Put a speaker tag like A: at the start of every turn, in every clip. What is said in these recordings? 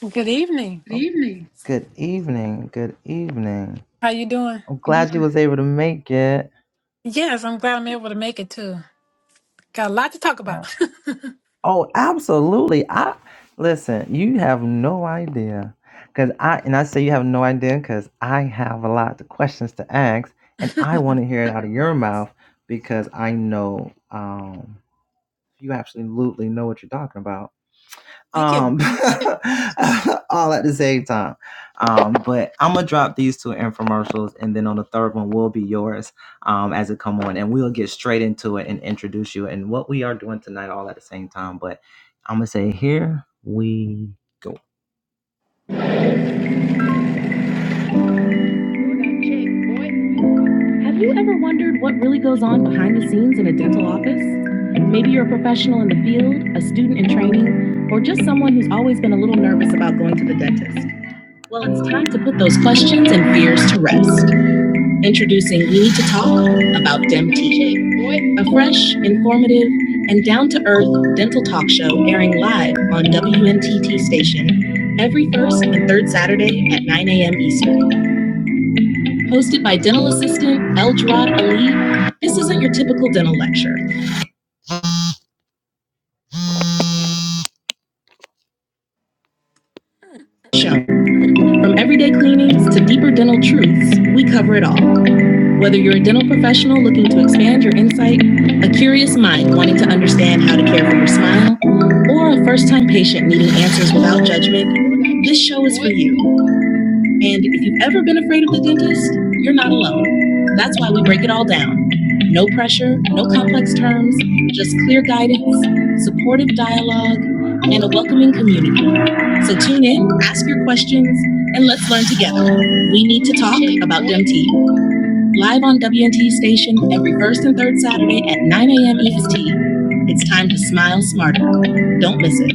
A: Good evening.
B: evening.
A: How you doing? Yes, I'm glad I'm able to make it too. Got a lot to talk about. thank you.
B: Have you ever wondered what really goes on behind the scenes in a dental office? Maybe you're a professional in the field, a student in training, or just someone who's always been a little nervous about going to the dentist. Well, it's time to put those questions and fears to rest. Introducing We Need to Talk about DemTK, a fresh, informative, and down to earth dental talk show airing live on WNTT station every first and third Saturday at 9 a.m. Eastern. hosted by dental assistant Eljarad Ali. This isn't your typical dental lecture show. From everyday cleanings to deeper dental truths, we cover it all. Whether you're a dental professional looking to expand your insight, a curious mind wanting to understand how to care for your smile, or a first time patient needing answers without judgment, this show is for you. And if you've ever been afraid of the dentist, you're not alone. That's why we break it all down. No pressure, no complex terms, just clear guidance, supportive dialogue, and a welcoming community. So tune in, ask your questions, and let's learn together. We need to talk about DMT. Live on WNT station every first and third Saturday at 9 a.m. EST. It's time to smile smarter. Don't miss it.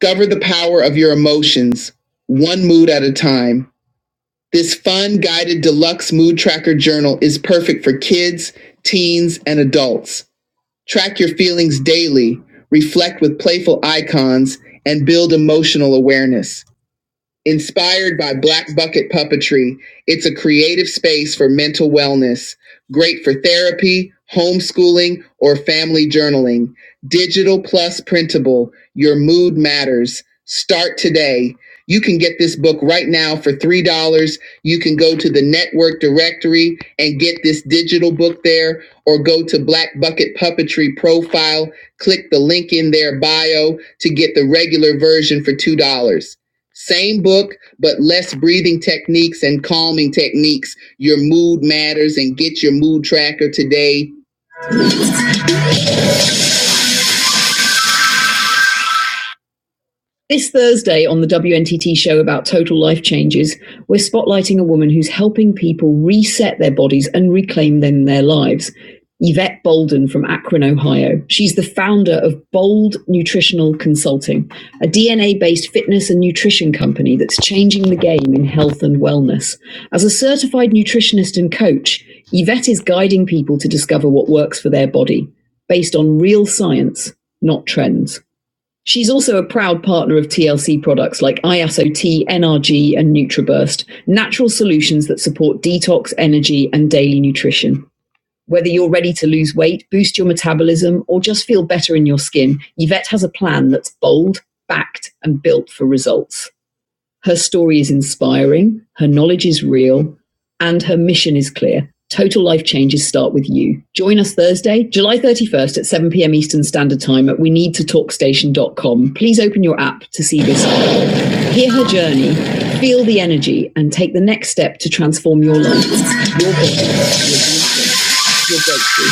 B: Discover the power of your emotions, one mood at a time. This fun guided deluxe mood tracker journal is perfect for kids, teens, and adults. Track your feelings daily, reflect with playful icons, and build emotional awareness. Inspired by Black Bucket Puppetry, it's a creative space for mental wellness, great for therapy, homeschooling, or family journaling. Digital plus printable, your mood matters. Start today. You can get this book right now for $3. You can go to the network directory and get this digital book there, or go to Black Bucket Puppetry profile, click the link in their bio to get the regular version for $2. Same book, but less breathing techniques and calming techniques. Your mood matters and get your mood tracker today. This Thursday on the WNTT show about total life changes, we're spotlighting a woman who's helping people reset their bodies and reclaim them their lives. Yvette Bolden from Akron, Ohio. She's the founder of Bold Nutritional Consulting, a DNA based fitness and nutrition company that's changing the game in health and wellness. As a certified nutritionist and coach, Yvette is guiding people to discover what works for their body based on real science, not trends. She's also a proud partner of TLC products like ISOT, NRG, and NutriBurst, natural solutions that support detox, energy, and daily nutrition. Whether you're ready to lose weight, boost your metabolism, or just feel better in your skin, Yvette has a plan that's bold, backed, and built for results. Her story is inspiring, her knowledge is real, and her mission is clear. Total life changes start with you. Join us Thursday, July 31st at 7 p.m. Eastern Standard Time at we need to talk station dot com. Please open your app to see this. Hear her journey, feel the energy, and take the next step to transform your life, your body, your, business, your breakthrough.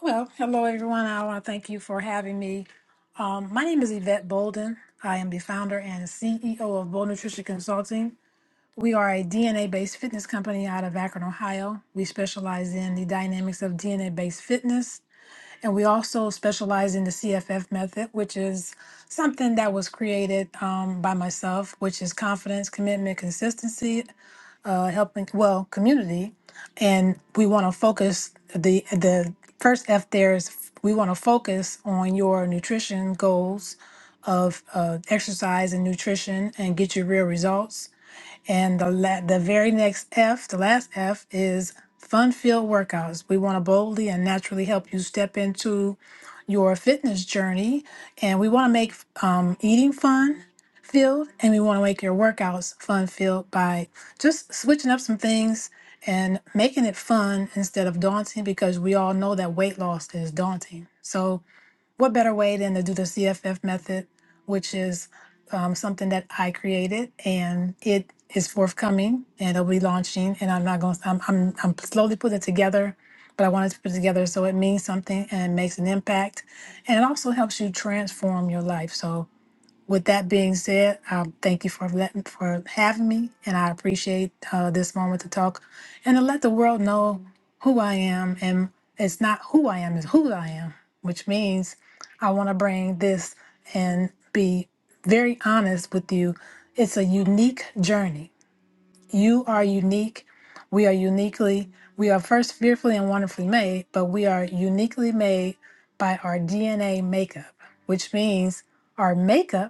A: Well, hello everyone. I want to thank you for having me. Um, my name is Yvette Bolden. I am the founder and CEO of Bold Nutrition Consulting. We are a DNA-based fitness company out of Akron, Ohio. We specialize in the dynamics of DNA-based fitness, and we also specialize in the CFF method, which is something that was created um, by myself, which is confidence, commitment, consistency, uh, helping well community and we want to focus the the first f there is we want to focus on your nutrition goals of uh, exercise and nutrition and get you real results and the la- the very next F, the last F is fun-filled workouts. We want to boldly and naturally help you step into your fitness journey, and we want to make um, eating fun filled, and we want to make your workouts fun filled by just switching up some things and making it fun instead of daunting because we all know that weight loss is daunting. So what better way than to do the CFF method, which is um, something that I created and it is forthcoming and it'll be launching. And I'm not going I'm, I'm, I'm slowly putting it together, but I wanted to put it together so it means something and it makes an impact. And it also helps you transform your life. So with that being said, um, thank you for letting, for having me, and I appreciate uh, this moment to talk and to let the world know who I am. And it's not who I am; it's who I am, which means I want to bring this and be very honest with you. It's a unique journey. You are unique. We are uniquely. We are first fearfully and wonderfully made, but we are uniquely made by our DNA makeup, which means our makeup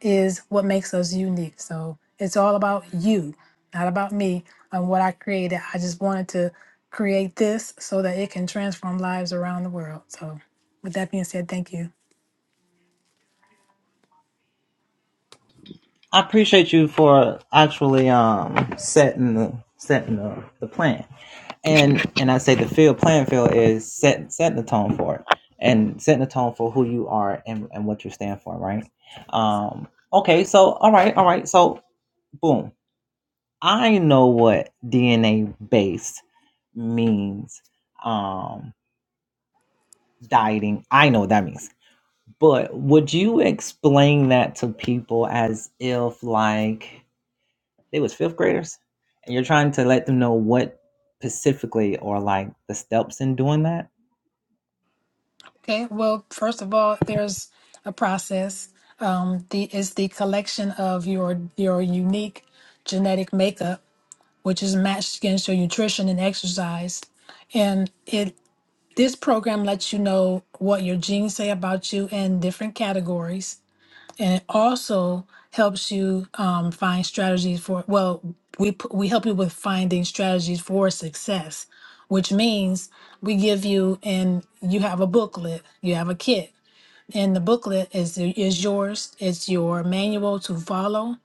A: is what makes us unique. So it's all about you, not about me and what I created. I just wanted to create this so that it can transform lives around the world. So, with that being said, thank you. Okay. Well, first of all, there's a process. Um, the is the collection of your your unique genetic makeup, which is matched against your nutrition and exercise, and it this program lets you know what your genes say about you in different categories and it also helps you um, find strategies for well we p- we help you with finding strategies for success which means we give you and you have a booklet you have a kit and the booklet is is yours it's your manual to follow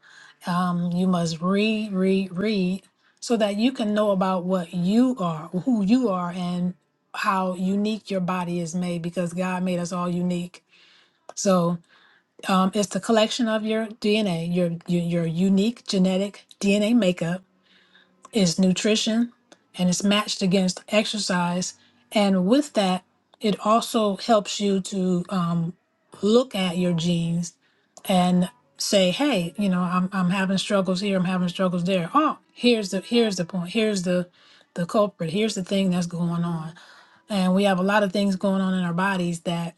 A: um, you must read read read so that you can know about what you are who you are and how unique your body is made because god made us all unique So. Um, it's the collection of your DNA, your, your your unique genetic DNA makeup. It's nutrition, and it's matched against exercise. And with that, it also helps you to um, look at your genes and say, "Hey, you know, I'm I'm having struggles here. I'm having struggles there. Oh, here's the here's the point. Here's the the culprit. Here's the thing that's going on." And we have a lot of things going on in our bodies that."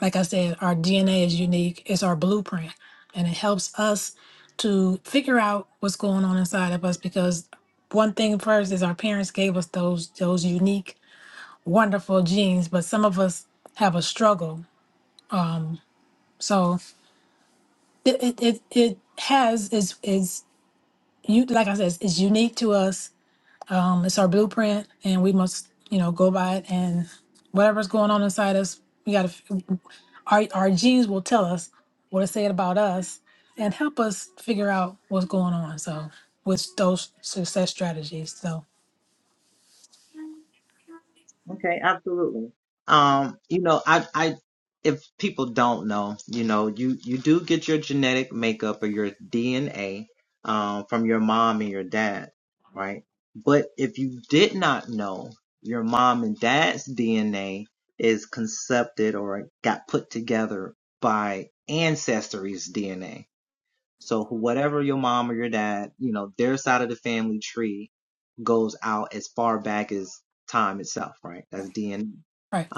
A: like I said, our DNA is unique, it's our blueprint, and it helps us to figure out what's going on inside of us because one thing first is our parents gave us those those unique wonderful genes but some of us have a struggle so it it, it, it has is is you like i said it's, it's unique to us um it's our blueprint and we must you know go by it and whatever's going on inside us we got to Our, our genes will tell us what it said about us and help us figure out what's going on. So, with those success strategies. So, right, right.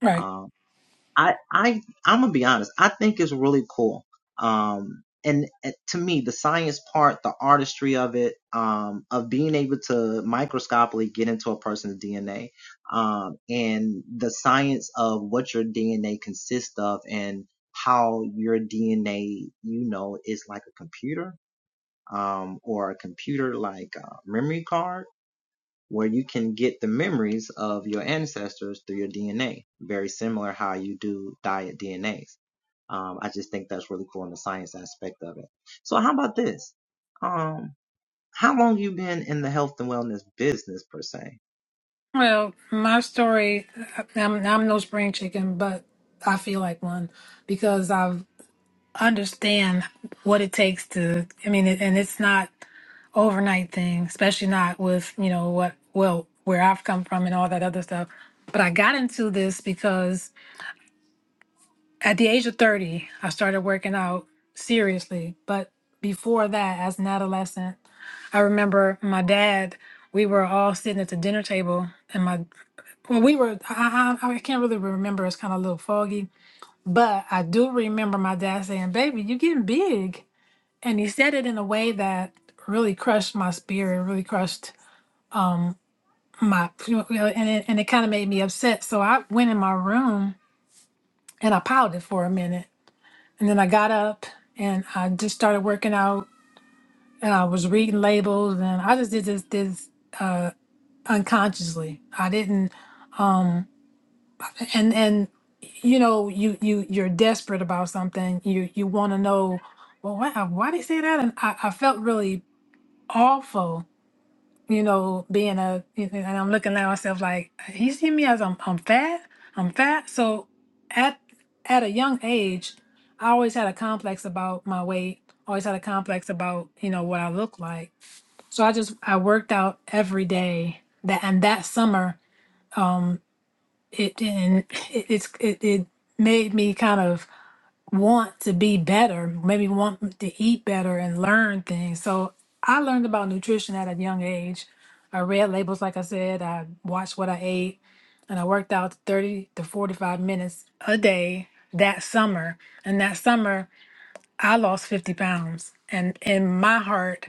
A: right. Well, my story, uh, I'm, I'm no spring chicken, but I feel like one because i understand what it takes to, I mean, and it's not overnight thing, especially not with, you know, what, well, where I've come from and all that other stuff. But I got into this because At the age of 30, I started working out seriously. But before that, as an adolescent, I remember my dad, we were all sitting at the dinner table. And my, well, we were, I, I, I can't really remember. It's kind of a little foggy. But I do remember my dad saying, Baby, you're getting big. And he said it in a way that really crushed my spirit, really crushed my, you know, and it, and it kind of made me upset. So I went in my room and I pouted for a minute. And then I got up and I just started working out and I was reading labels and I just did this this uh unconsciously. I didn't and and you know, you you you're desperate about something. You you want to know, well, why why they say that? And I, I felt really awful you know, being a, and I'm looking at myself like he see me as I'm, I'm fat, I'm fat. So at at a young age, I always had a complex about my weight. Always had a complex about you know what I look like. So I just I worked out every day. That and that summer, um, it and it, it's it, it made me kind of want to be better, maybe want to eat better and learn things. So I learned about nutrition at a young age. I read labels, like I said, I watched what I ate, and I worked out 30 to 45 minutes a day that summer. And that summer, I lost 50 pounds. And in my heart,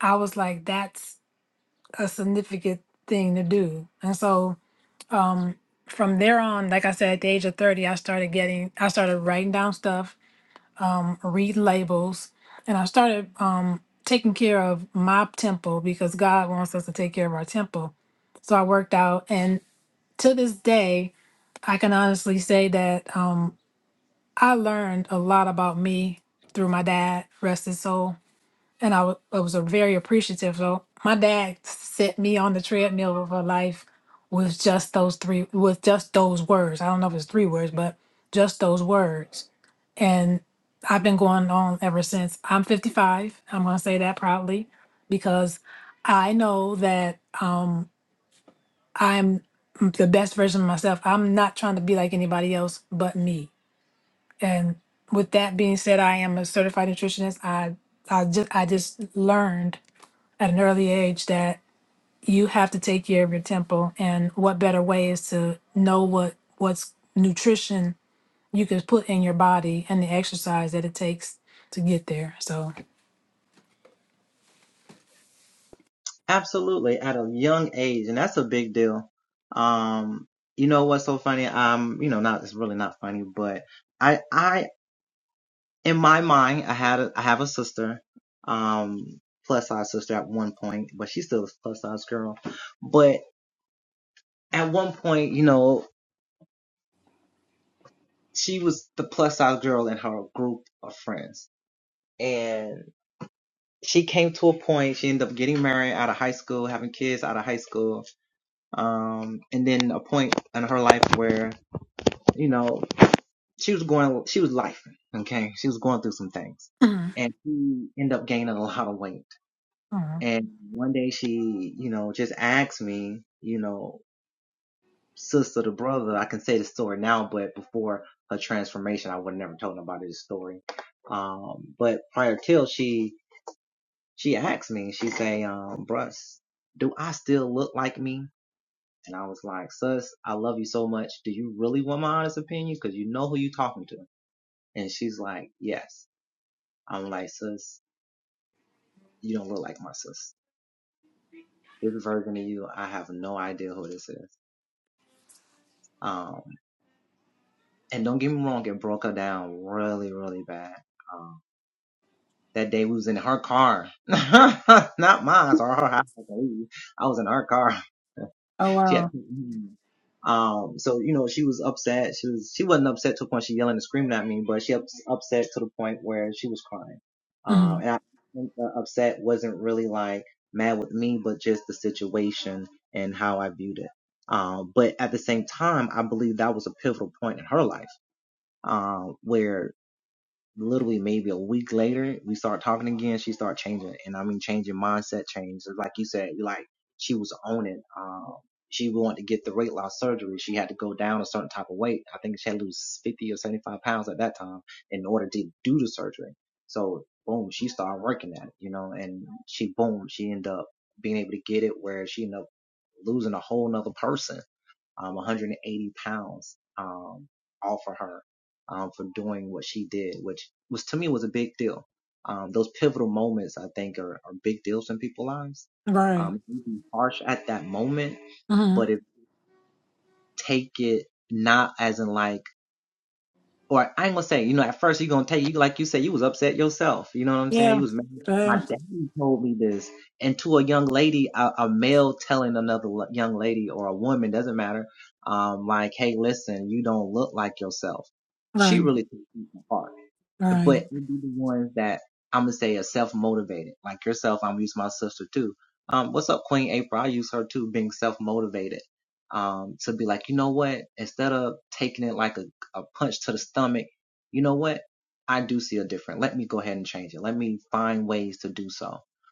A: I was like, that's a significant thing to do. And so, um, from there on, like I said, at the age of 30, I started getting, I started writing down stuff read labels, and I started um, taking care of my temple because God wants us to take care of our temple. So I worked out, and to this day, I can honestly say that um, I learned a lot about me through my dad, rest his soul, and I wa- I was a very appreciative. So my dad set me on the treadmill of her life with just those three, with just those words. I don't know if it's three words, but just those words and I've been going on ever since. I'm 55. I'm going to say that proudly because I know that um, I'm the best version of myself. I'm not trying to be like anybody else but me. And with that being said, I am a certified nutritionist. I I just I just learned at an early age that you have to take care of your temple, and what better way is to know what what's nutrition you can put in your body and the exercise that it takes to get there. So, mhm, mhm. oh wow, hmm right, hmm yeah, yeah, right, right,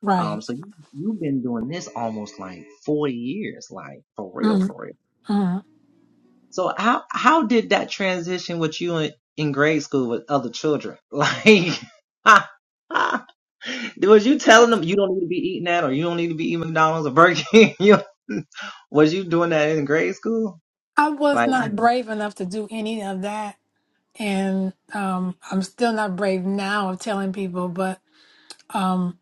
A: right. Mhm, mhm. I was not brave enough to do any of that, and um, I'm still not brave now of telling people. But um,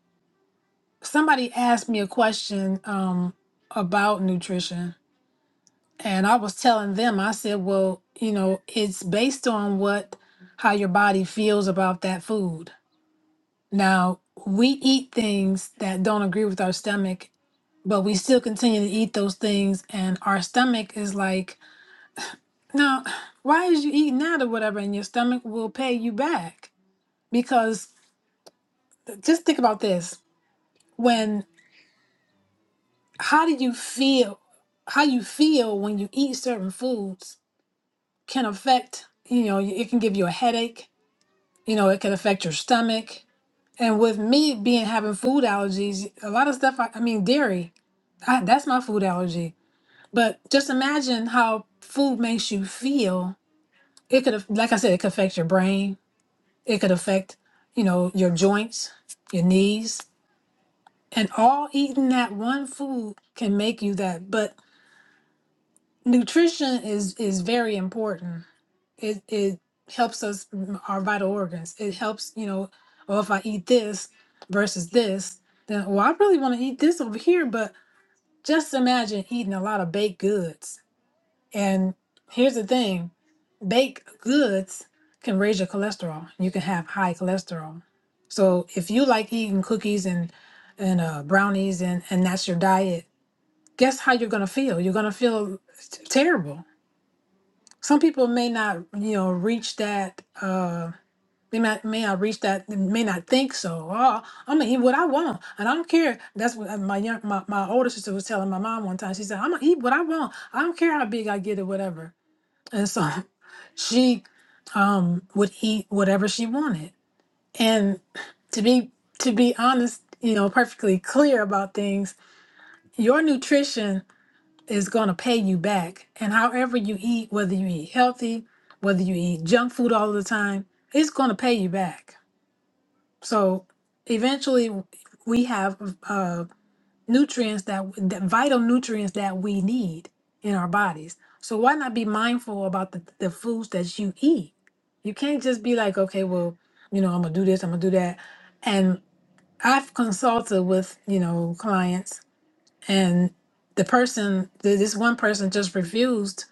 A: somebody asked me a question um, about nutrition, And I was telling them, I said, well, you know, it's based on what, how your body feels about that food. Now, we eat things that don't agree with our stomach, but we still continue to eat those things. And our stomach is like, no, why is you eating that or whatever? And your stomach will pay you back. Because just think about this when, how do you feel? How you feel when you eat certain foods can affect, you know, it can give you a headache you know it can affect your stomach and with me being having food allergies a lot of stuff i, I mean dairy I, that's my food allergy but just imagine how food makes you feel it could have like i said it could affect your brain it could affect you know your joints your knees and all eating that one food can make you that but nutrition is is very important it it helps us m- our vital organs. It helps you know, well if I eat this versus this, then well I really want to eat this over here. But just imagine eating a lot of baked goods. And here's the thing, baked goods can raise your cholesterol. You can have high cholesterol. So if you like eating cookies and and uh, brownies and and that's your diet, guess how you're gonna feel? You're gonna feel t- terrible. Some people may not you know reach that. Uh, they may, may I reach that, they may not think so. Oh, I'm gonna eat what I want, and I don't care. That's what uh, my young, my, my older sister was telling my mom one time. She said, "I'm gonna eat what I want. I don't care how big I get or whatever." And so, she um would eat whatever she wanted. And to be to be honest, you know, perfectly clear about things, your nutrition is gonna pay you back. And however you eat, whether you eat healthy, whether you eat junk food all the time, it's gonna pay you back so eventually, we have uh, nutrients that, that vital nutrients that we need in our bodies. So why not be mindful about the, the foods that you eat? You can't just be like, okay, well, you know, I'm gonna do this, I'm gonna do that. And I've consulted with you know clients, and the person, th- this one person, just refused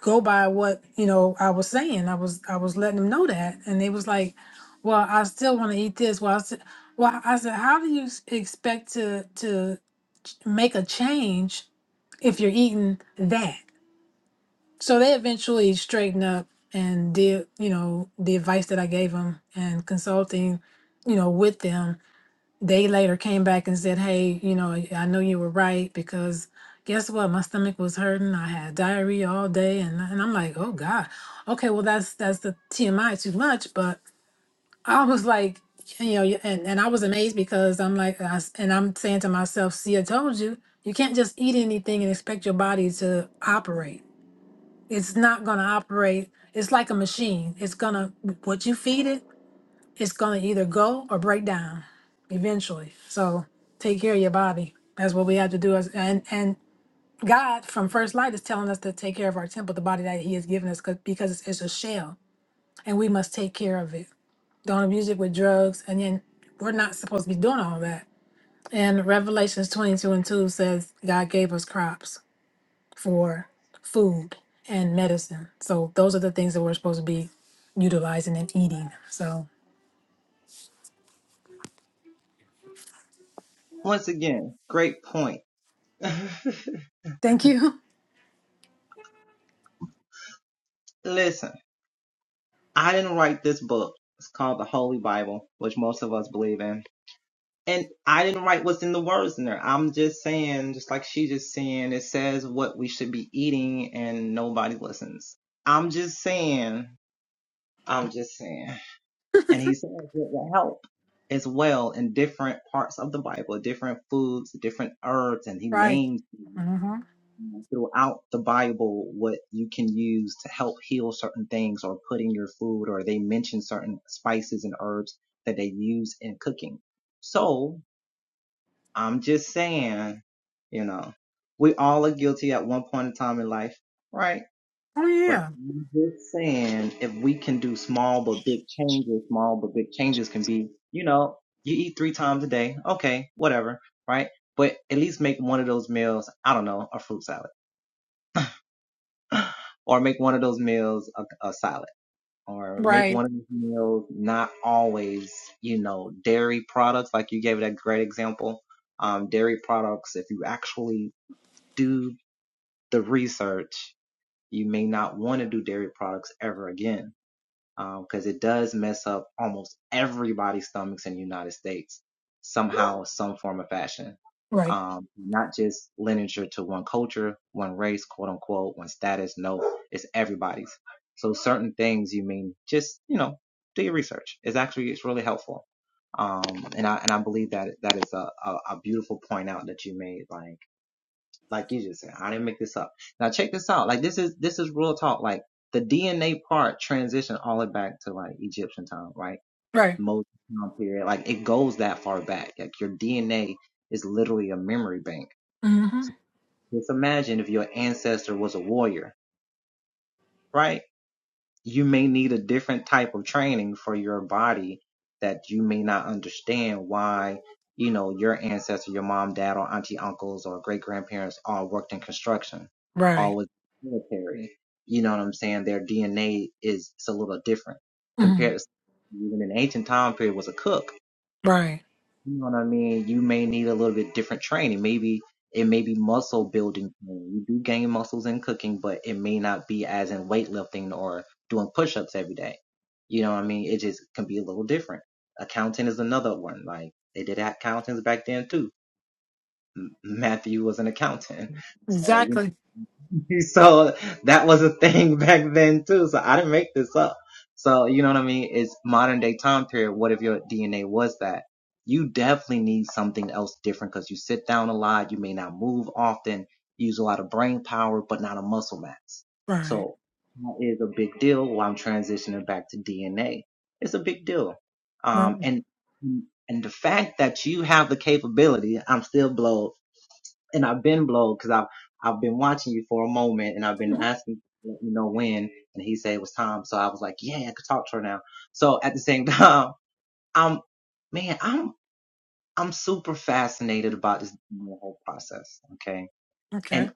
A: go by what you know I was saying. I was I was letting them know that, and they was like, "Well, I still want to eat this." Well, I said, "Well, I said, how do you s- expect to to make a change if you're eating that?" So they eventually straightened up and did you know the advice that I gave them and consulting, you know, with them they later came back and said, Hey, you know, I know you were right because guess what? My stomach was hurting. I had diarrhea all day. And, and I'm like, Oh God. Okay. Well, that's, that's the TMI too much. But I was like, you know, you- and, and I was amazed because I'm like, I s and I'm saying to myself, see, I told you, you can't just eat anything and expect your body to operate. It's not going to operate. It's like a machine. It's going to, what you feed it, it's gonna either go or break down eventually. So take care of your body. That's what we have to do. As and and God from First Light is telling us to take care of our temple, the body that He has given us, 'cause- because it's, it's a shell, and we must take care of it. Don't abuse it with drugs, and then we're not supposed to be doing all that. And Revelations twenty two and two says God gave us crops for food and medicine. So those are the things that we're supposed to be utilizing and eating. So thank you. Right. Mm-hmm. Oh yeah. Right. Right. Right. Mm-hmm. Right. hmm Right. Exactly. Right. Right. Mhm. Okay.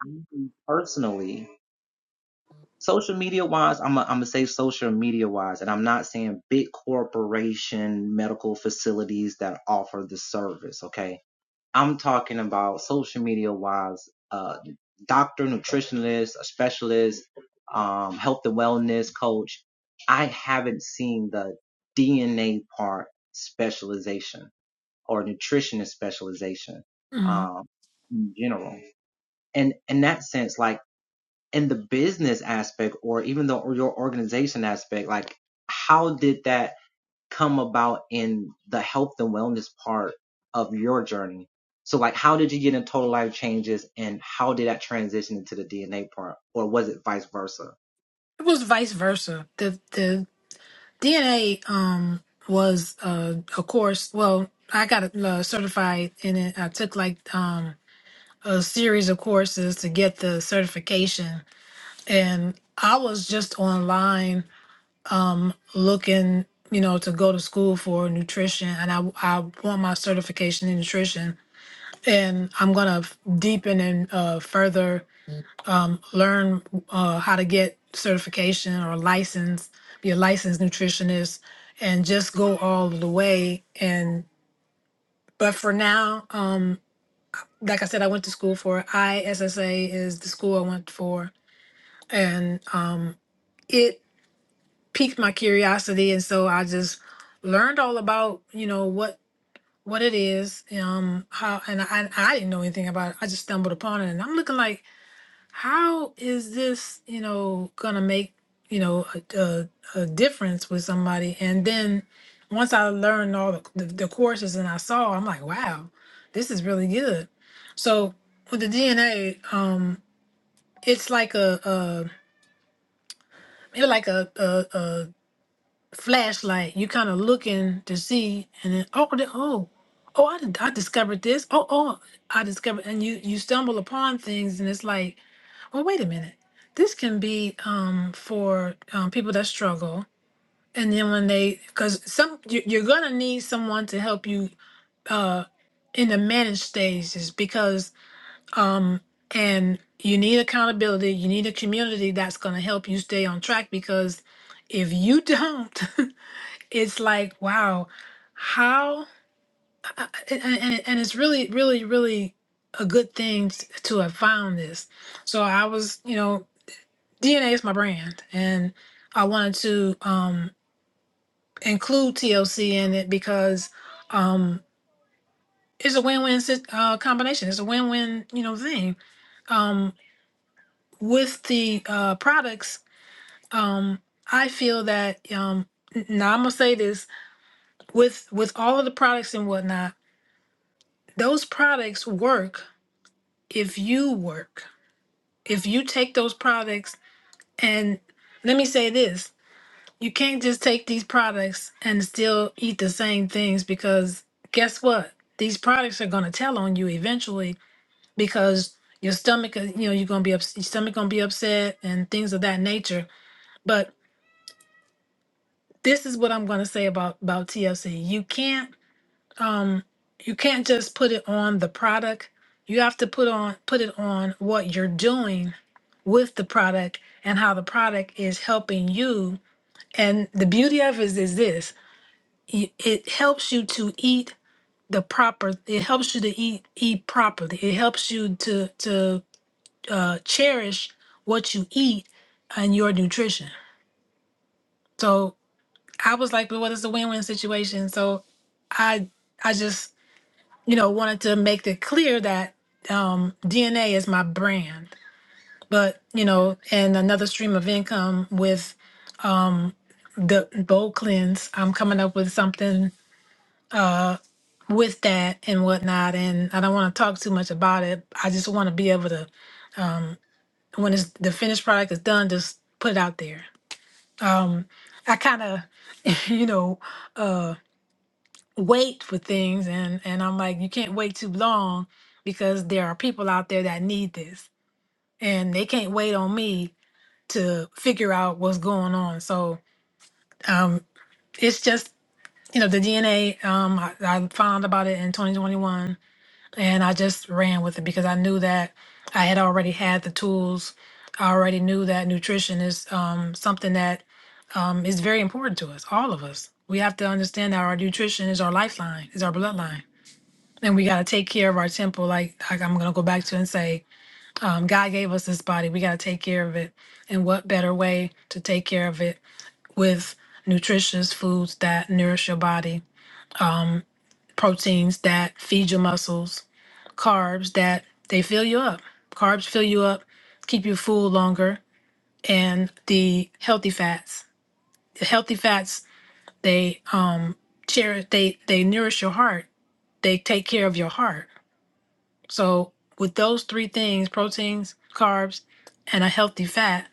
A: hmm It was vice versa. The the DNA um was uh a course. Well, I got uh, certified in it. I took like um a series of courses to get the certification, and I was just online um looking you know to go to school for nutrition and i i want my certification in nutrition and i'm gonna f- deepen and uh, further um, learn uh, how to get certification or license be a licensed nutritionist and just go all the way and but for now um like i said i went to school for issa is the school i went for and um it piqued my curiosity and so i just learned all about you know what what it is um how and i i didn't know anything about it i just stumbled upon it and i'm looking like how is this you know gonna make you know a, a, a difference with somebody and then once i learned all the, the, the courses and i saw i'm like wow this is really good so with the dna um it's like a, a it's like a, flashlight. You kind of looking to see, and then oh, the- oh, oh, I, did- I discovered this. Oh, oh, I discovered, and you you stumble upon things, and it's like, well, wait a minute, this can be um for um, people that struggle. And then when they, because some you- you're gonna need someone to help you uh in the managed stages because um and you need accountability, you need a community that's gonna help you stay on track because if you don't it's like wow how I- I- and, and it's really really really a good thing t- to have found this so i was you know dna is my brand and i wanted to um include tlc in it because um it's a win-win sit- uh, combination it's a win-win you know thing um with the uh products um i feel that um n- now i'm gonna say this with with all of the products and whatnot Those products work if you work. If you take those products and let me say this, you can't just take these products and still eat the same things because guess what? These products are going to tell on you eventually because your stomach, is- you know, you're going to be ups- your stomach going to be upset and things of that nature. But this is what I'm going to say about about TLC. You can't um you can't just put it on the product you have to put on put it on what you're doing with the product and how the product is helping you. And the beauty of it is, is this y- it helps you to eat the proper it helps you to eat eat properly it helps you to to uh, cherish what you eat and your nutrition so i was like but what is a win-win situation so i i just you know wanted to make it clear that um dna is my brand but you know and another stream of income with. um the bowl cleanse i'm coming up with something uh with that and whatnot and i don't want to talk too much about it i just want to be able to when it's the finished product is done just put it out there um i kind of you know uh wait for things and and i'm like you can't wait too long because there are people out there that need this and they can't wait on me to figure out what's going on so um it's just you know the DNA. Um, I, I found about it in 2021, and I just ran with it because I knew that I had already had the tools. I already knew that nutrition is um, something that um, is very important to us, all of us. We have to understand that our nutrition is our lifeline, is our bloodline, and we got to take care of our temple. Like, like I'm going to go back to and say, um, God gave us this body. We got to take care of it, and what better way to take care of it with nutritious foods that nourish your body proteins that feed your muscles, carbs that they fill you up. Carbs fill you up, keep you full longer, and the healthy fats. The healthy fats they um cherish they they nourish your heart. They take care of your heart. So with those three things, proteins, carbs, and a healthy fat,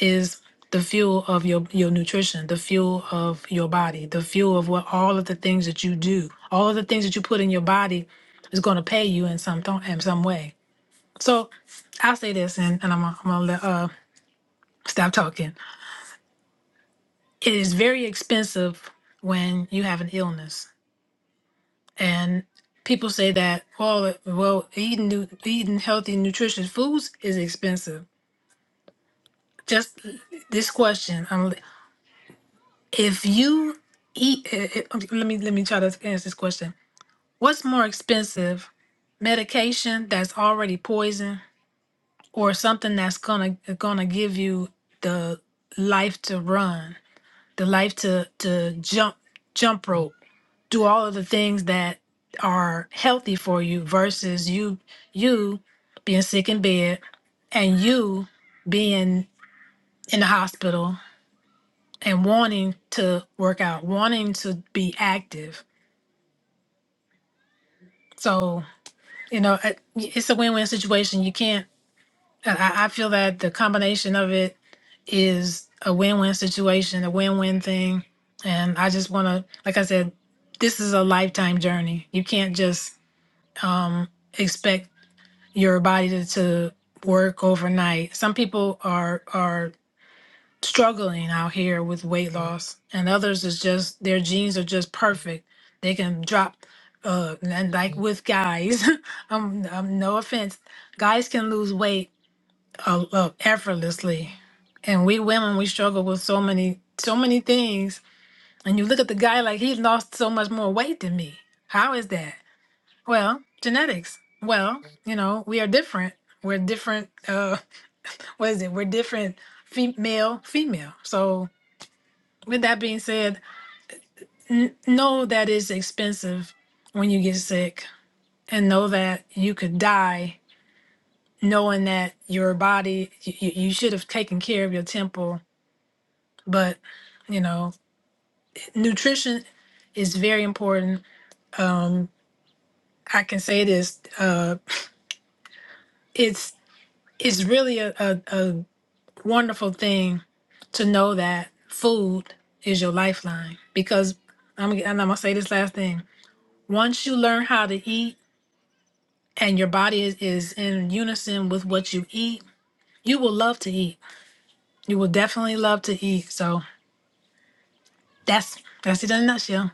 A: is the fuel of your your nutrition, the fuel of your body, the fuel of what all of the things that you do, all of the things that you put in your body is going to pay you in some th- in some way. So I'll say this, and, and I'm gonna, I'm gonna let, uh, stop talking. It is very expensive when you have an illness, and people say that well, it- well, eating nu- eating healthy, nutritious foods is expensive. Just this question. if you eat eh, eh, um, let me let me try to answer this question what's more expensive medication that's already poison or something that's gonna gonna give you the life to run the life to to jump jump rope do all of the things that are healthy for you versus you you being sick in bed and you being in the hospital and wanting to work out wanting to be active So, you know, I- it's a win-win situation. You can't, I, I feel that the combination of it is a win-win situation, a win-win thing. And I just want to, like I said, this is a lifetime journey. You can't just um, expect your body to, to work overnight. Some people are, are struggling out here with weight loss and others is just their genes are just perfect they can drop uh and like with guys um, um no offense guys can lose weight uh, uh, effortlessly and we women we struggle with so many so many things and you look at the guy like he lost so much more weight than me how is that well genetics well you know we are different we're different uh what is it we're different female female so with that being said, n- know that it's expensive when you get sick, and know that you could die knowing that your body, you, you should have taken care of your temple. But, you know, nutrition is very important. Um, I can say this uh, it's, it's really a, a, a wonderful thing to know that food is your lifeline because I'm, and I'm going to say this last thing. Once you learn how to eat, and your body is, is in unison with what you eat, you will love to eat. You will definitely love to eat. So that's that's it in a nutshell.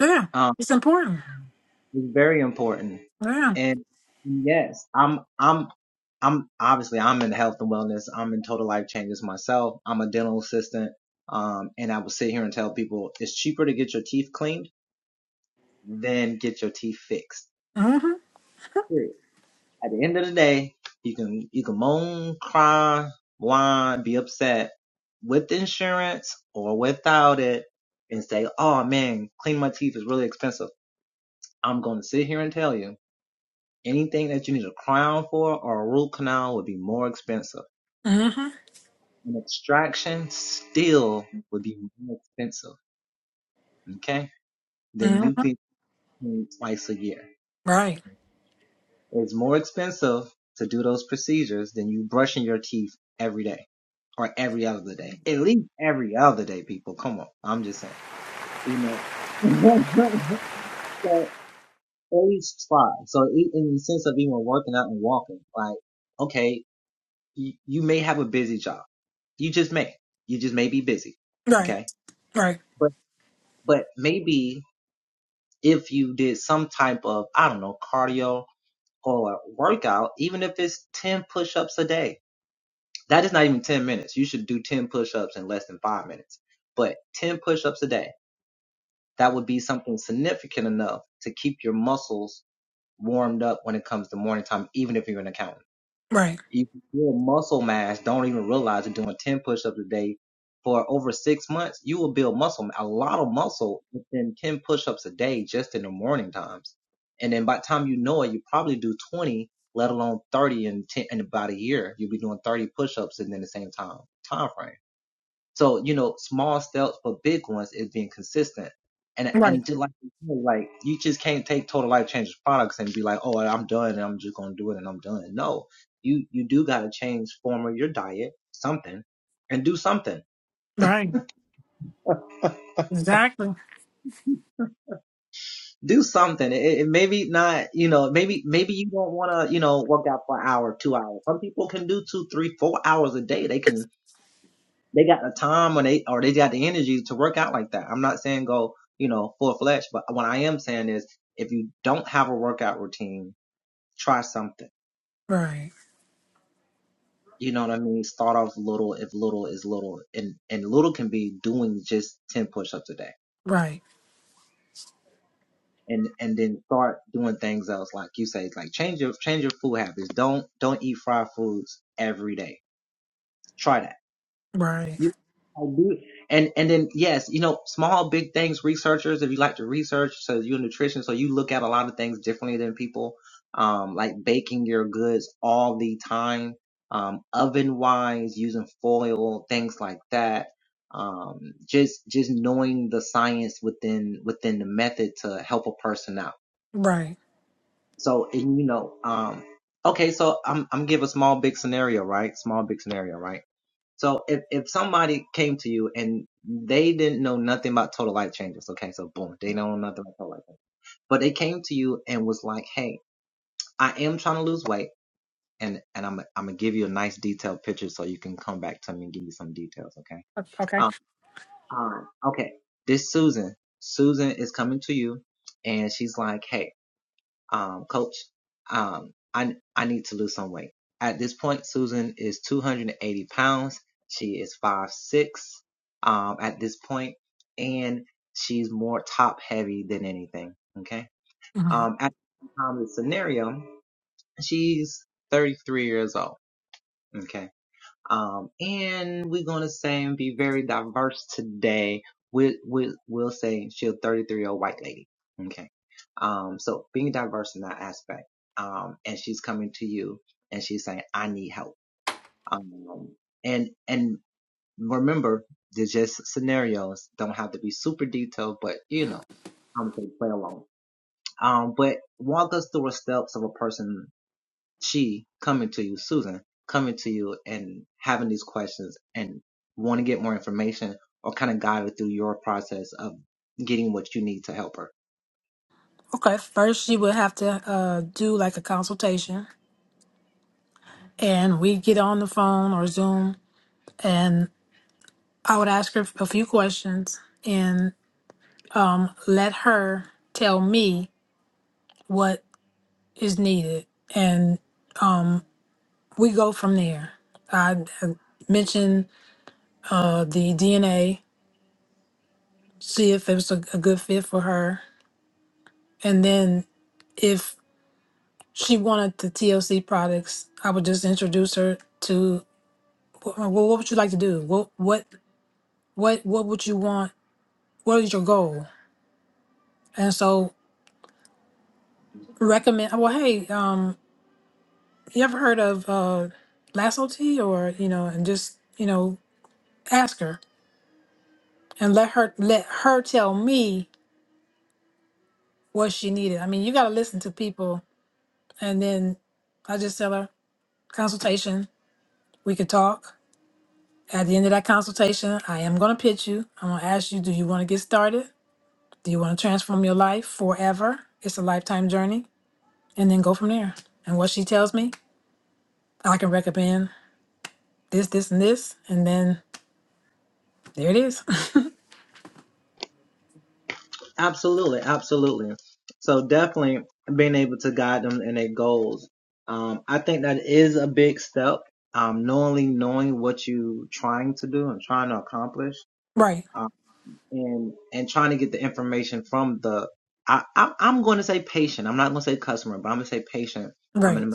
A: Yeah, it's important. Yeah. Mm-hmm. Mm-hmm. Mm-hmm. Right. Right. Right. Right. Right. Right. Exactly. Right. Right. Right. Right. Okay. hmm Okay. First, you would have to uh, do like a consultation, and we get on the phone or Zoom, and. I would ask her a few questions and um, let her tell me what is needed, and we go from there. I uh, mention uh, the DNA, see if it was a, a good fit for her, and then if she wanted the TLC products, I would just introduce her to wh- well, what would you like to do? What what what what would you want? What is your goal? And so recommend. Well, hey, um, you ever heard of uh, Lasso T? Or you know, and just you know, ask her and let her let her tell me what she needed. I mean, you got to listen to people, and then I just tell her consultation. We could talk. At the end of that consultation, I am going to pitch you. I'm going to ask you, do you want to get started? Do you want to transform your life forever? It's a lifetime journey, and then go from there. And what she tells me, I can recommend this, this, and this, and then there it is. right, right.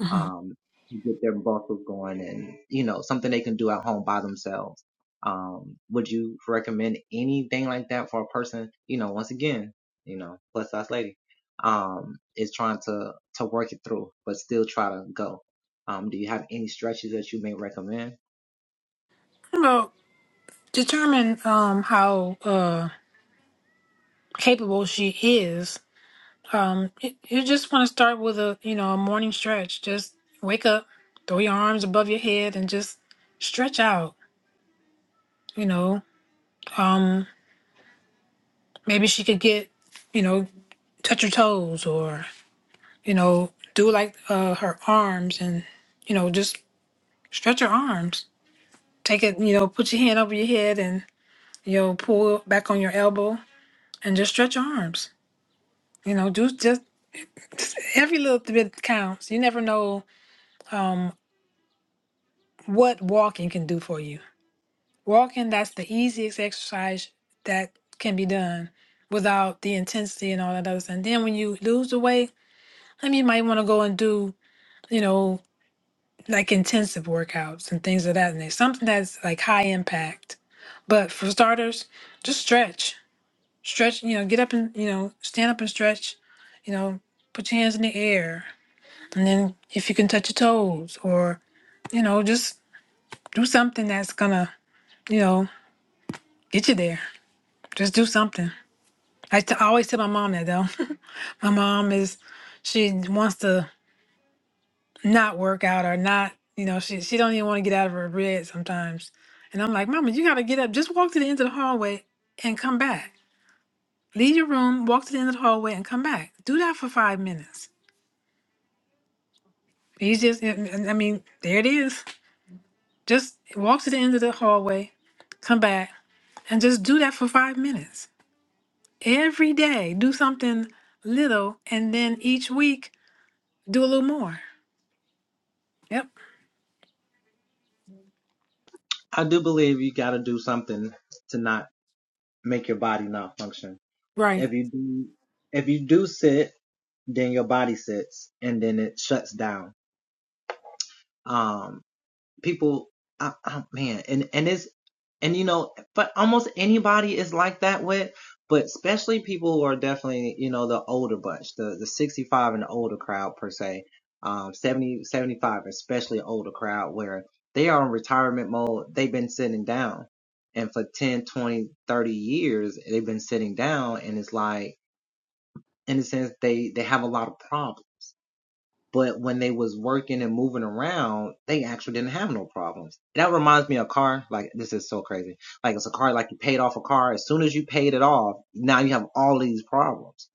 A: Mm-hmm. Well, determine um, how uh, capable she is. Um, you you just want to start with a you know a morning stretch. Just wake up, throw your arms above your head, and just stretch out. You know, um, maybe she could get you know touch her toes or you know do like uh, her arms and you know just stretch her arms. Take it, you know, put your hand over your head and you know pull back on your elbow and just stretch your arms. You know, do just every little bit counts. You never know um, what walking can do for you. Walking, that's the easiest exercise that can be done without the intensity and all that other stuff. And then when you lose the weight, I mean, you might want to go and do, you know, like intensive workouts and things of that nature. Something that's like high impact. But for starters, just stretch. Stretch, you know, get up and, you know, stand up and stretch, you know, put your hands in the air. And then if you can touch your toes or you know, just do something that's gonna, you know, get you there. Just do something. I, t- I always tell my mom that though. my mom is, she wants to not work out or not, you know, she she don't even want to get out of her bed sometimes. And I'm like, Mama, you gotta get up. Just walk to the end of the hallway and come back. Leave your room, walk to the end of the hallway, and come back. Do that for five minutes. You just, I I- I mean, there it is. Just walk to the end of the hallway, come back, and just do that for five minutes Every day, do something little, and then each week, do a little more. Yep. Right.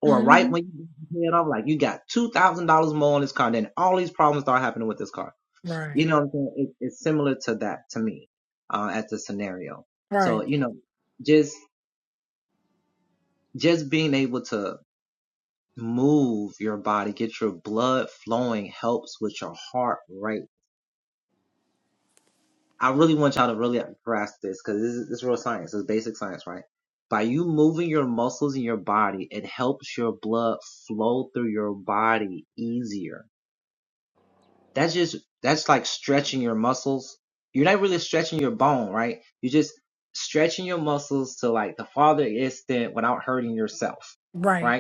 A: hmm Right. Right. Right.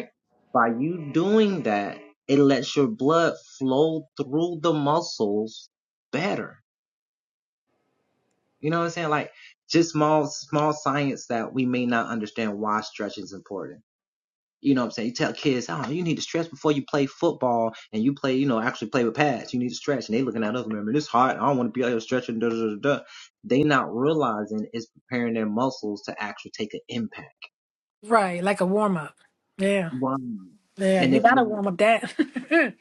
A: Right. Like a warm up. Yeah. Yeah. You gotta warm up that.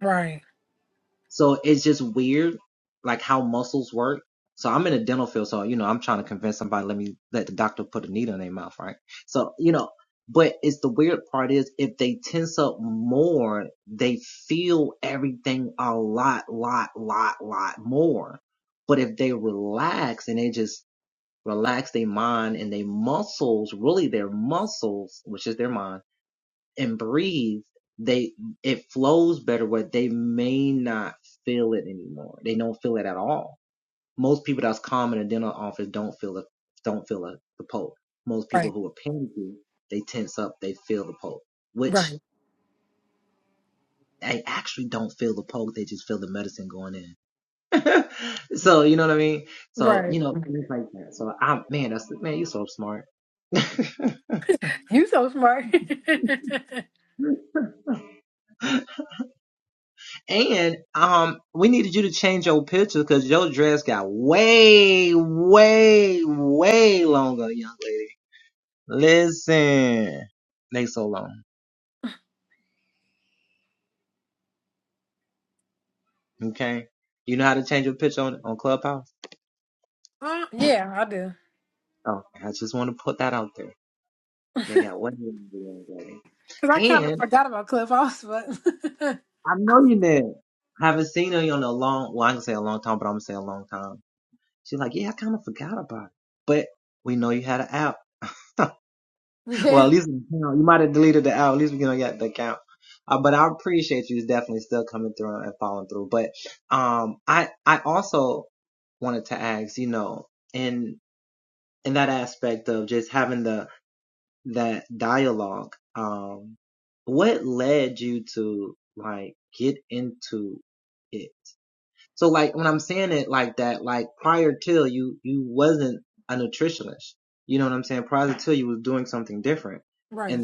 A: right. Right. Right. Right. You so smart. Uh, yeah, I do. Cause I kind of forgot about Cliff House, but yeah. Right.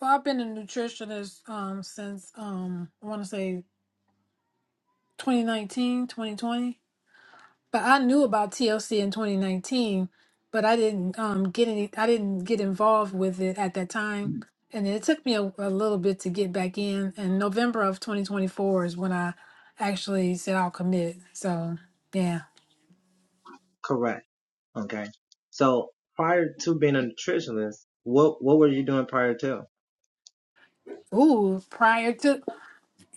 A: Well, I've been a nutritionist um since um I want to say 2019, 2020. But I knew about TLC in 2019, but I didn't um, get any. I didn't get involved with it at that time, and it took me a, a little bit to get back in. And November of 2024 is when I actually said I'll commit. So yeah. Ooh, prior to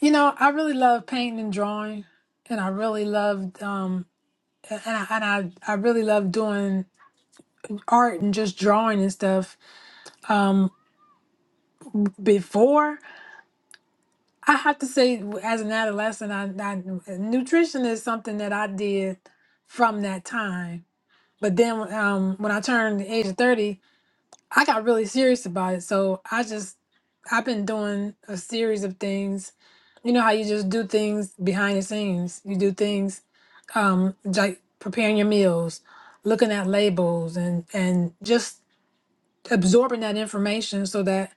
A: you know, I really love painting and drawing, and I really loved um, and I, and I I really love doing art and just drawing and stuff. Um, before. I have to say, w- as an adolescent, I, I nutrition is something that I did from that time. But then, um, when I turned the age of thirty, I got really serious about it. So I just, I've been doing a series of things. You know how you just do things behind the scenes. You do things um, like preparing your meals, looking at labels, and and just absorbing that information so that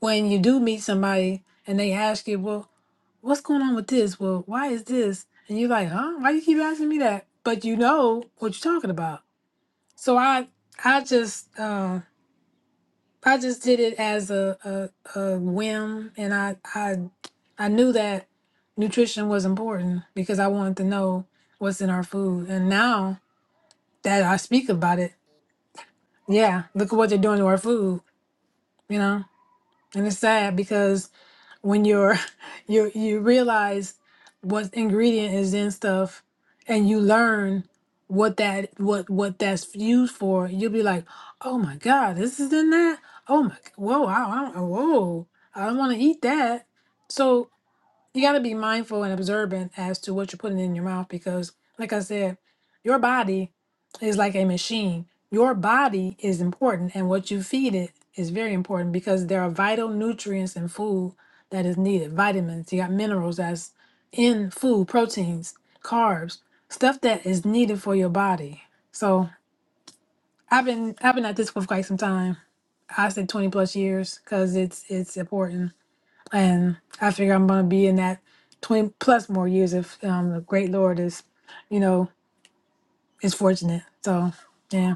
A: when you do meet somebody and they ask you, well what's going on with this? Well, why is this? And you're like, huh? Why you keep asking me that? But you know what you're talking about. So I I just uh, I just did it as a, a, a whim and I, I I knew that nutrition was important because I wanted to know what's in our food. And now that I speak about it, yeah, look at what they're doing to our food, you know? And it's sad because when you're you you realize what ingredient is in stuff and you learn what that what what that's used for you'll be like oh my god this is in that oh my whoa I, I, whoa i don't want to eat that so you got to be mindful and observant as to what you're putting in your mouth because like i said your body is like a machine your body is important and what you feed it is very important because there are vital nutrients in food that is needed vitamins you got minerals that's in food proteins carbs stuff that is needed for your body so i've been i've been at this for quite some time i said 20 plus years because it's it's important and I figure I'm going to be in that 20 plus more years if um, the great Lord is, you know, is fortunate. So, yeah,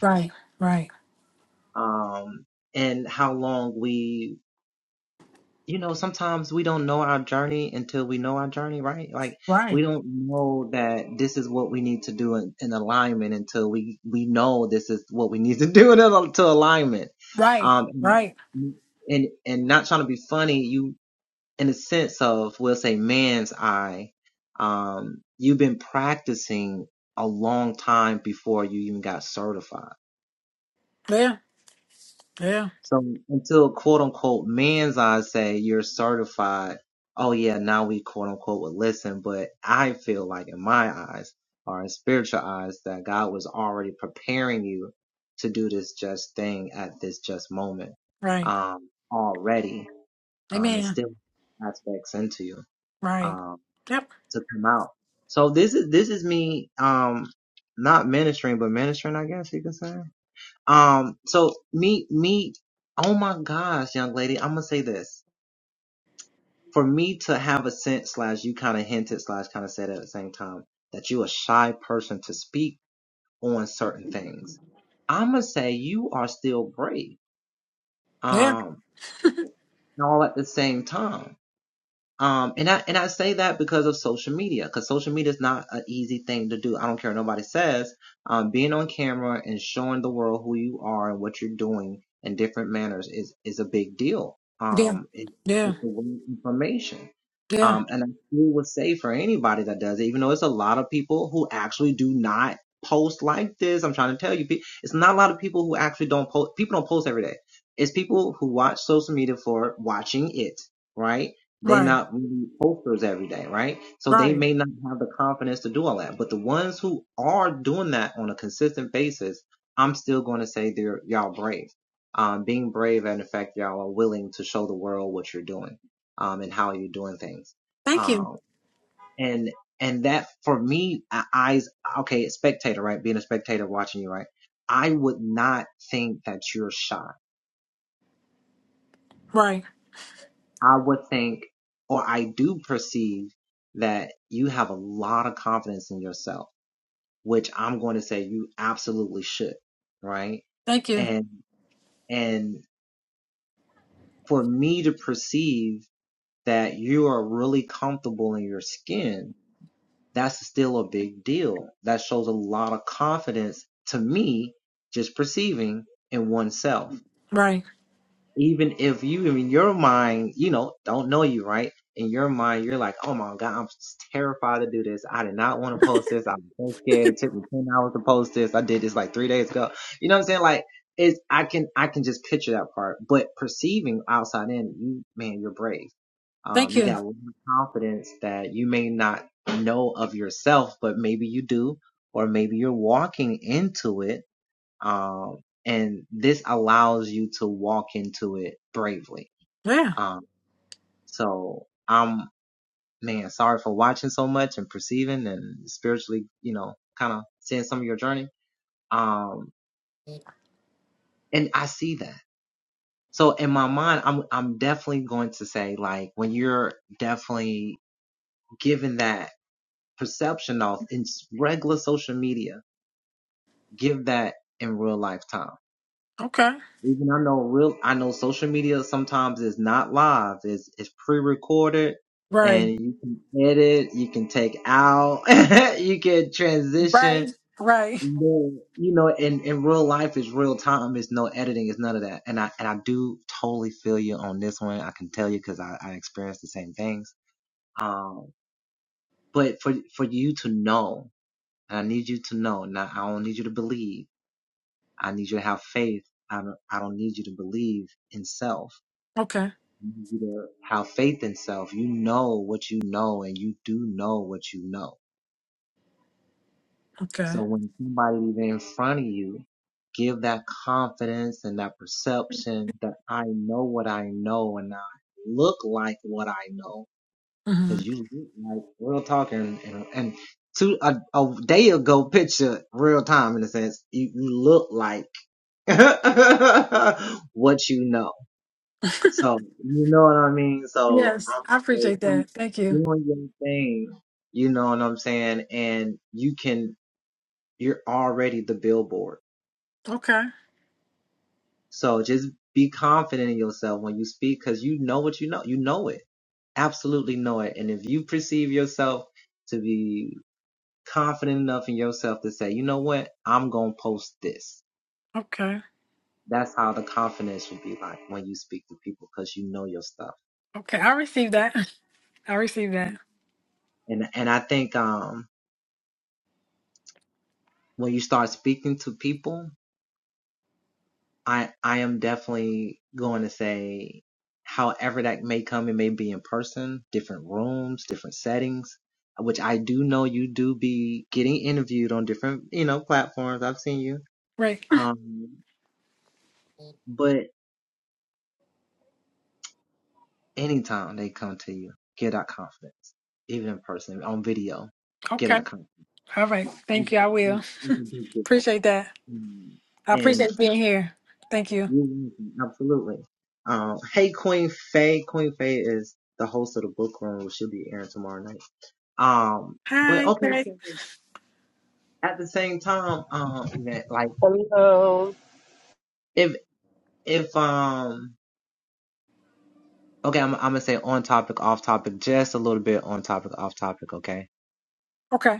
A: right, right, right, right, right. Yeah, yeah, right. Amen. Right. Yep. Yeah, yeah, yeah, yeah. Right, right. Thank you. Right. Thank you. Right. Thank you. Yeah. Okay. Right. Right. Right. Okay. Okay. hmm Yes, I appreciate that. Thank you. Okay. Okay. Okay. I received that. I received that. Right. Okay. All right. Thank you. I will. Appreciate that. I appreciate being here. Thank you. Hi, Faith.
C: Hello.
A: Okay.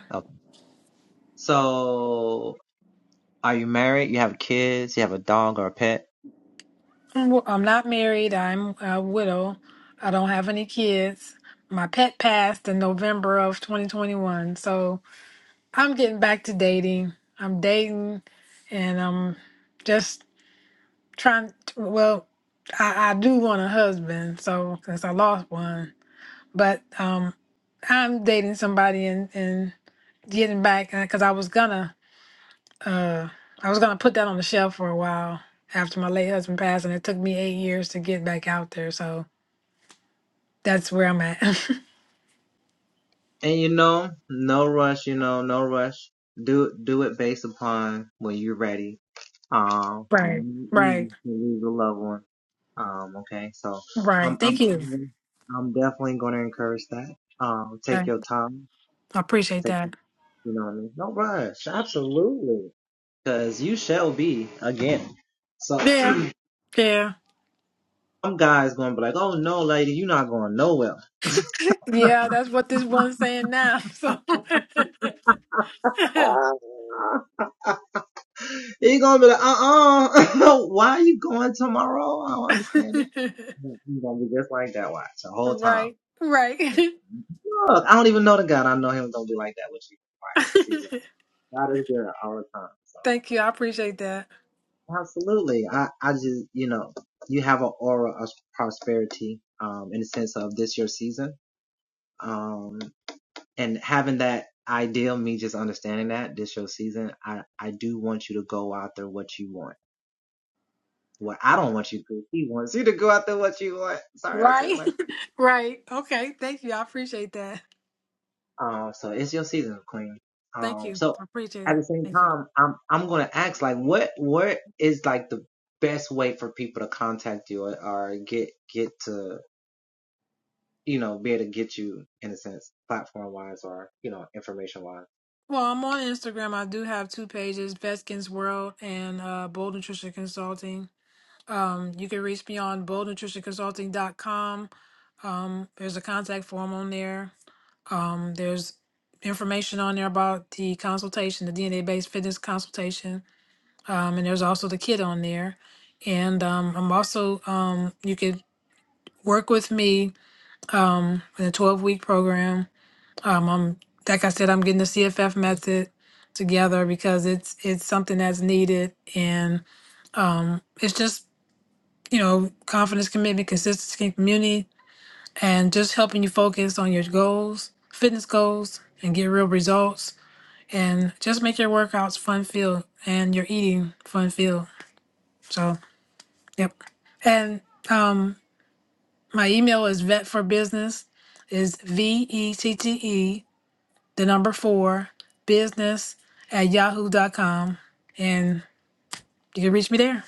A: I'm w- I'm not married. I'm a widow. I don't have any kids. My pet passed in November of 2021. So I'm getting back to dating. I'm dating and I'm just trying to, well, I, I do want a husband. So since I lost one. but um, I'm dating somebody and, and getting back because I was gonna uh, I was gonna put that on the shelf for a while after my late husband passed, and it took me eight years to get back out there. So that's where I'm at. right, right, right. Thank you. I I appreciate that. Yeah, yeah, yeah. That's what this one's saying now. So. right, right. Thank you. I appreciate that. Right. right. Okay. Thank you. I appreciate that. Thank you. I appreciate it. Thank you. Well, I'm on Instagram. I do have two pages, Veskin's World and uh, Bold Nutrition Consulting. Um, you can reach me on boldnutritionconsulting.com. Um, there's a contact form on there. Um, there's information on there about the consultation, the DNA based fitness consultation. Um, and there's also the kit on there. And um, I'm also, um, you can work with me um, in a 12 week program. Um, I'm, like I said, I'm getting the CFF method together because it's it's something that's needed, and um, it's just you know confidence, commitment, consistency, community, and just helping you focus on your goals, fitness goals, and get real results, and just make your workouts fun filled and your eating fun filled. So, yep, and um, my email is vet for business is v e t t e the number four, business at yahoo dot com, And you can reach me there.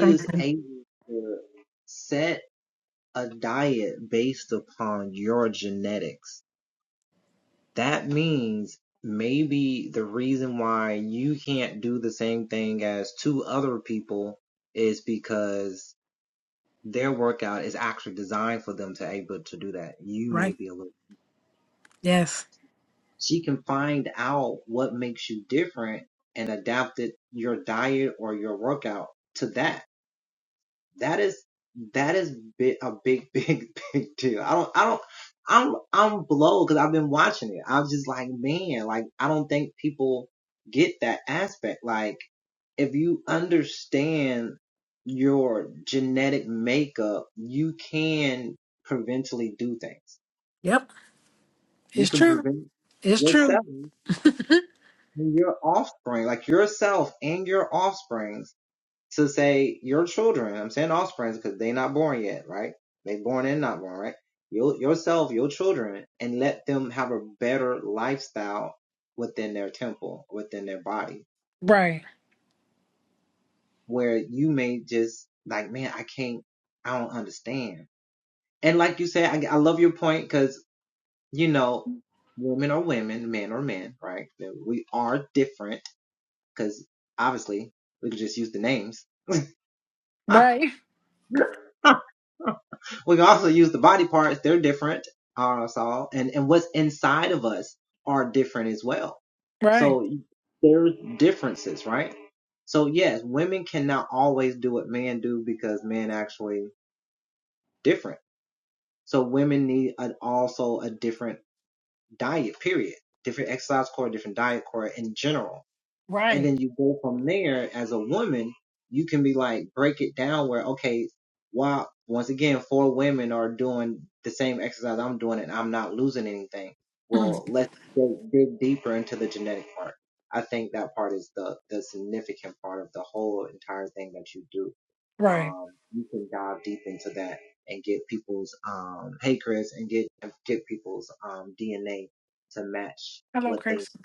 A: Thank you. Right. Yes. Yep. It's true. It's true. Right. Right. Right. Right. Mhm. Right. Hello, Chris.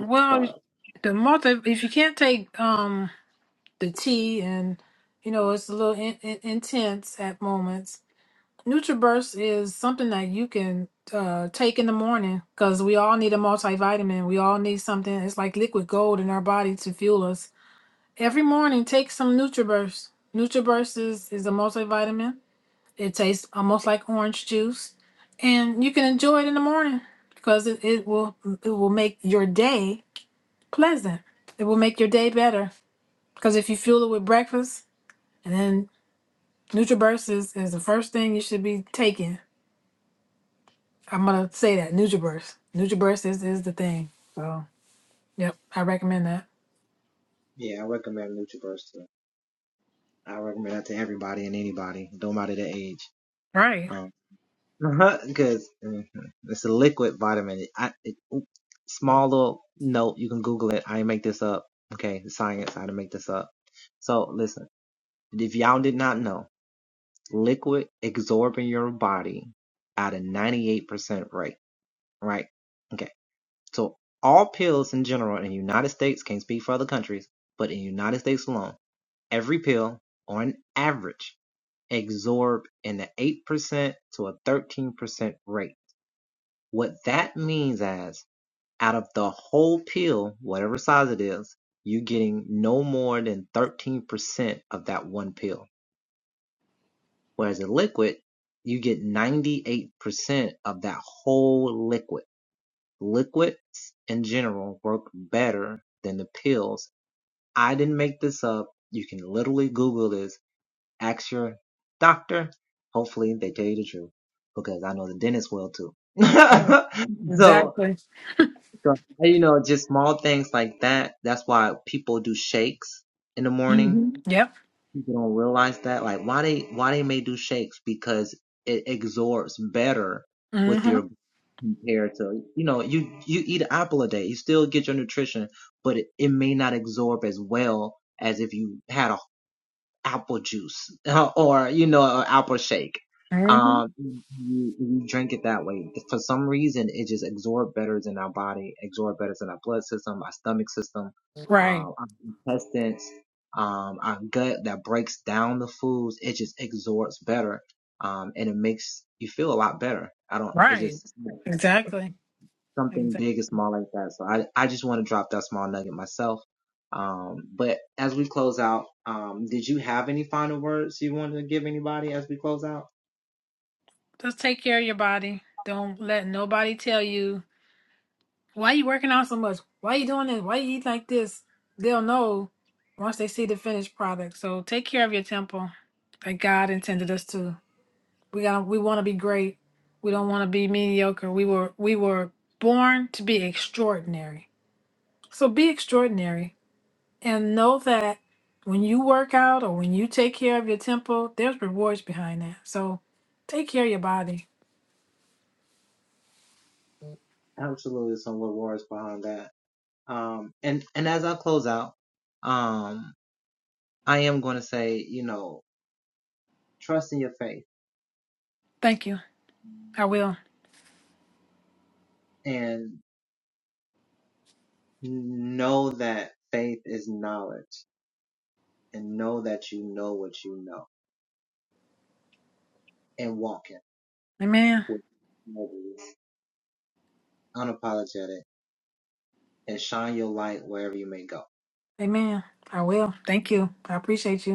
A: Well, the multi, if you can't take um the T and, you know, it's a little in, in, intense at moments NutriBurst is something that you can uh, take in the morning because we all need a multivitamin. We all need something. It's like liquid gold in our body to fuel us. Every morning, take some NutriBurst. NutriBurst is, is a multivitamin. It tastes almost like orange juice, and you can enjoy it in the morning because it, it will it will make your day pleasant. It will make your day better because if you fuel it with breakfast, and then NutriBurst is, is the first thing you should be taking I'm gonna say that NutriBurst. NutriBurst is is the thing. So yep, I recommend that. Right. Right. Exactly. hmm Yep. hmm hmm Right. Right. Exactly. Exactly. Just take care of your body. Don't let nobody tell you why you working out so much. Why you doing this? Why you eat like this? They'll know once they see the finished product. So take care of your temple, like God intended us to. We got we want to be great. We don't want to be mediocre. We were we were born to be extraordinary. So be extraordinary and know that when you work out or when you take care of your temple, there's rewards behind that. So take care of your body. Thank you. I will. Amen. Amen. I will. Thank you. I appreciate you.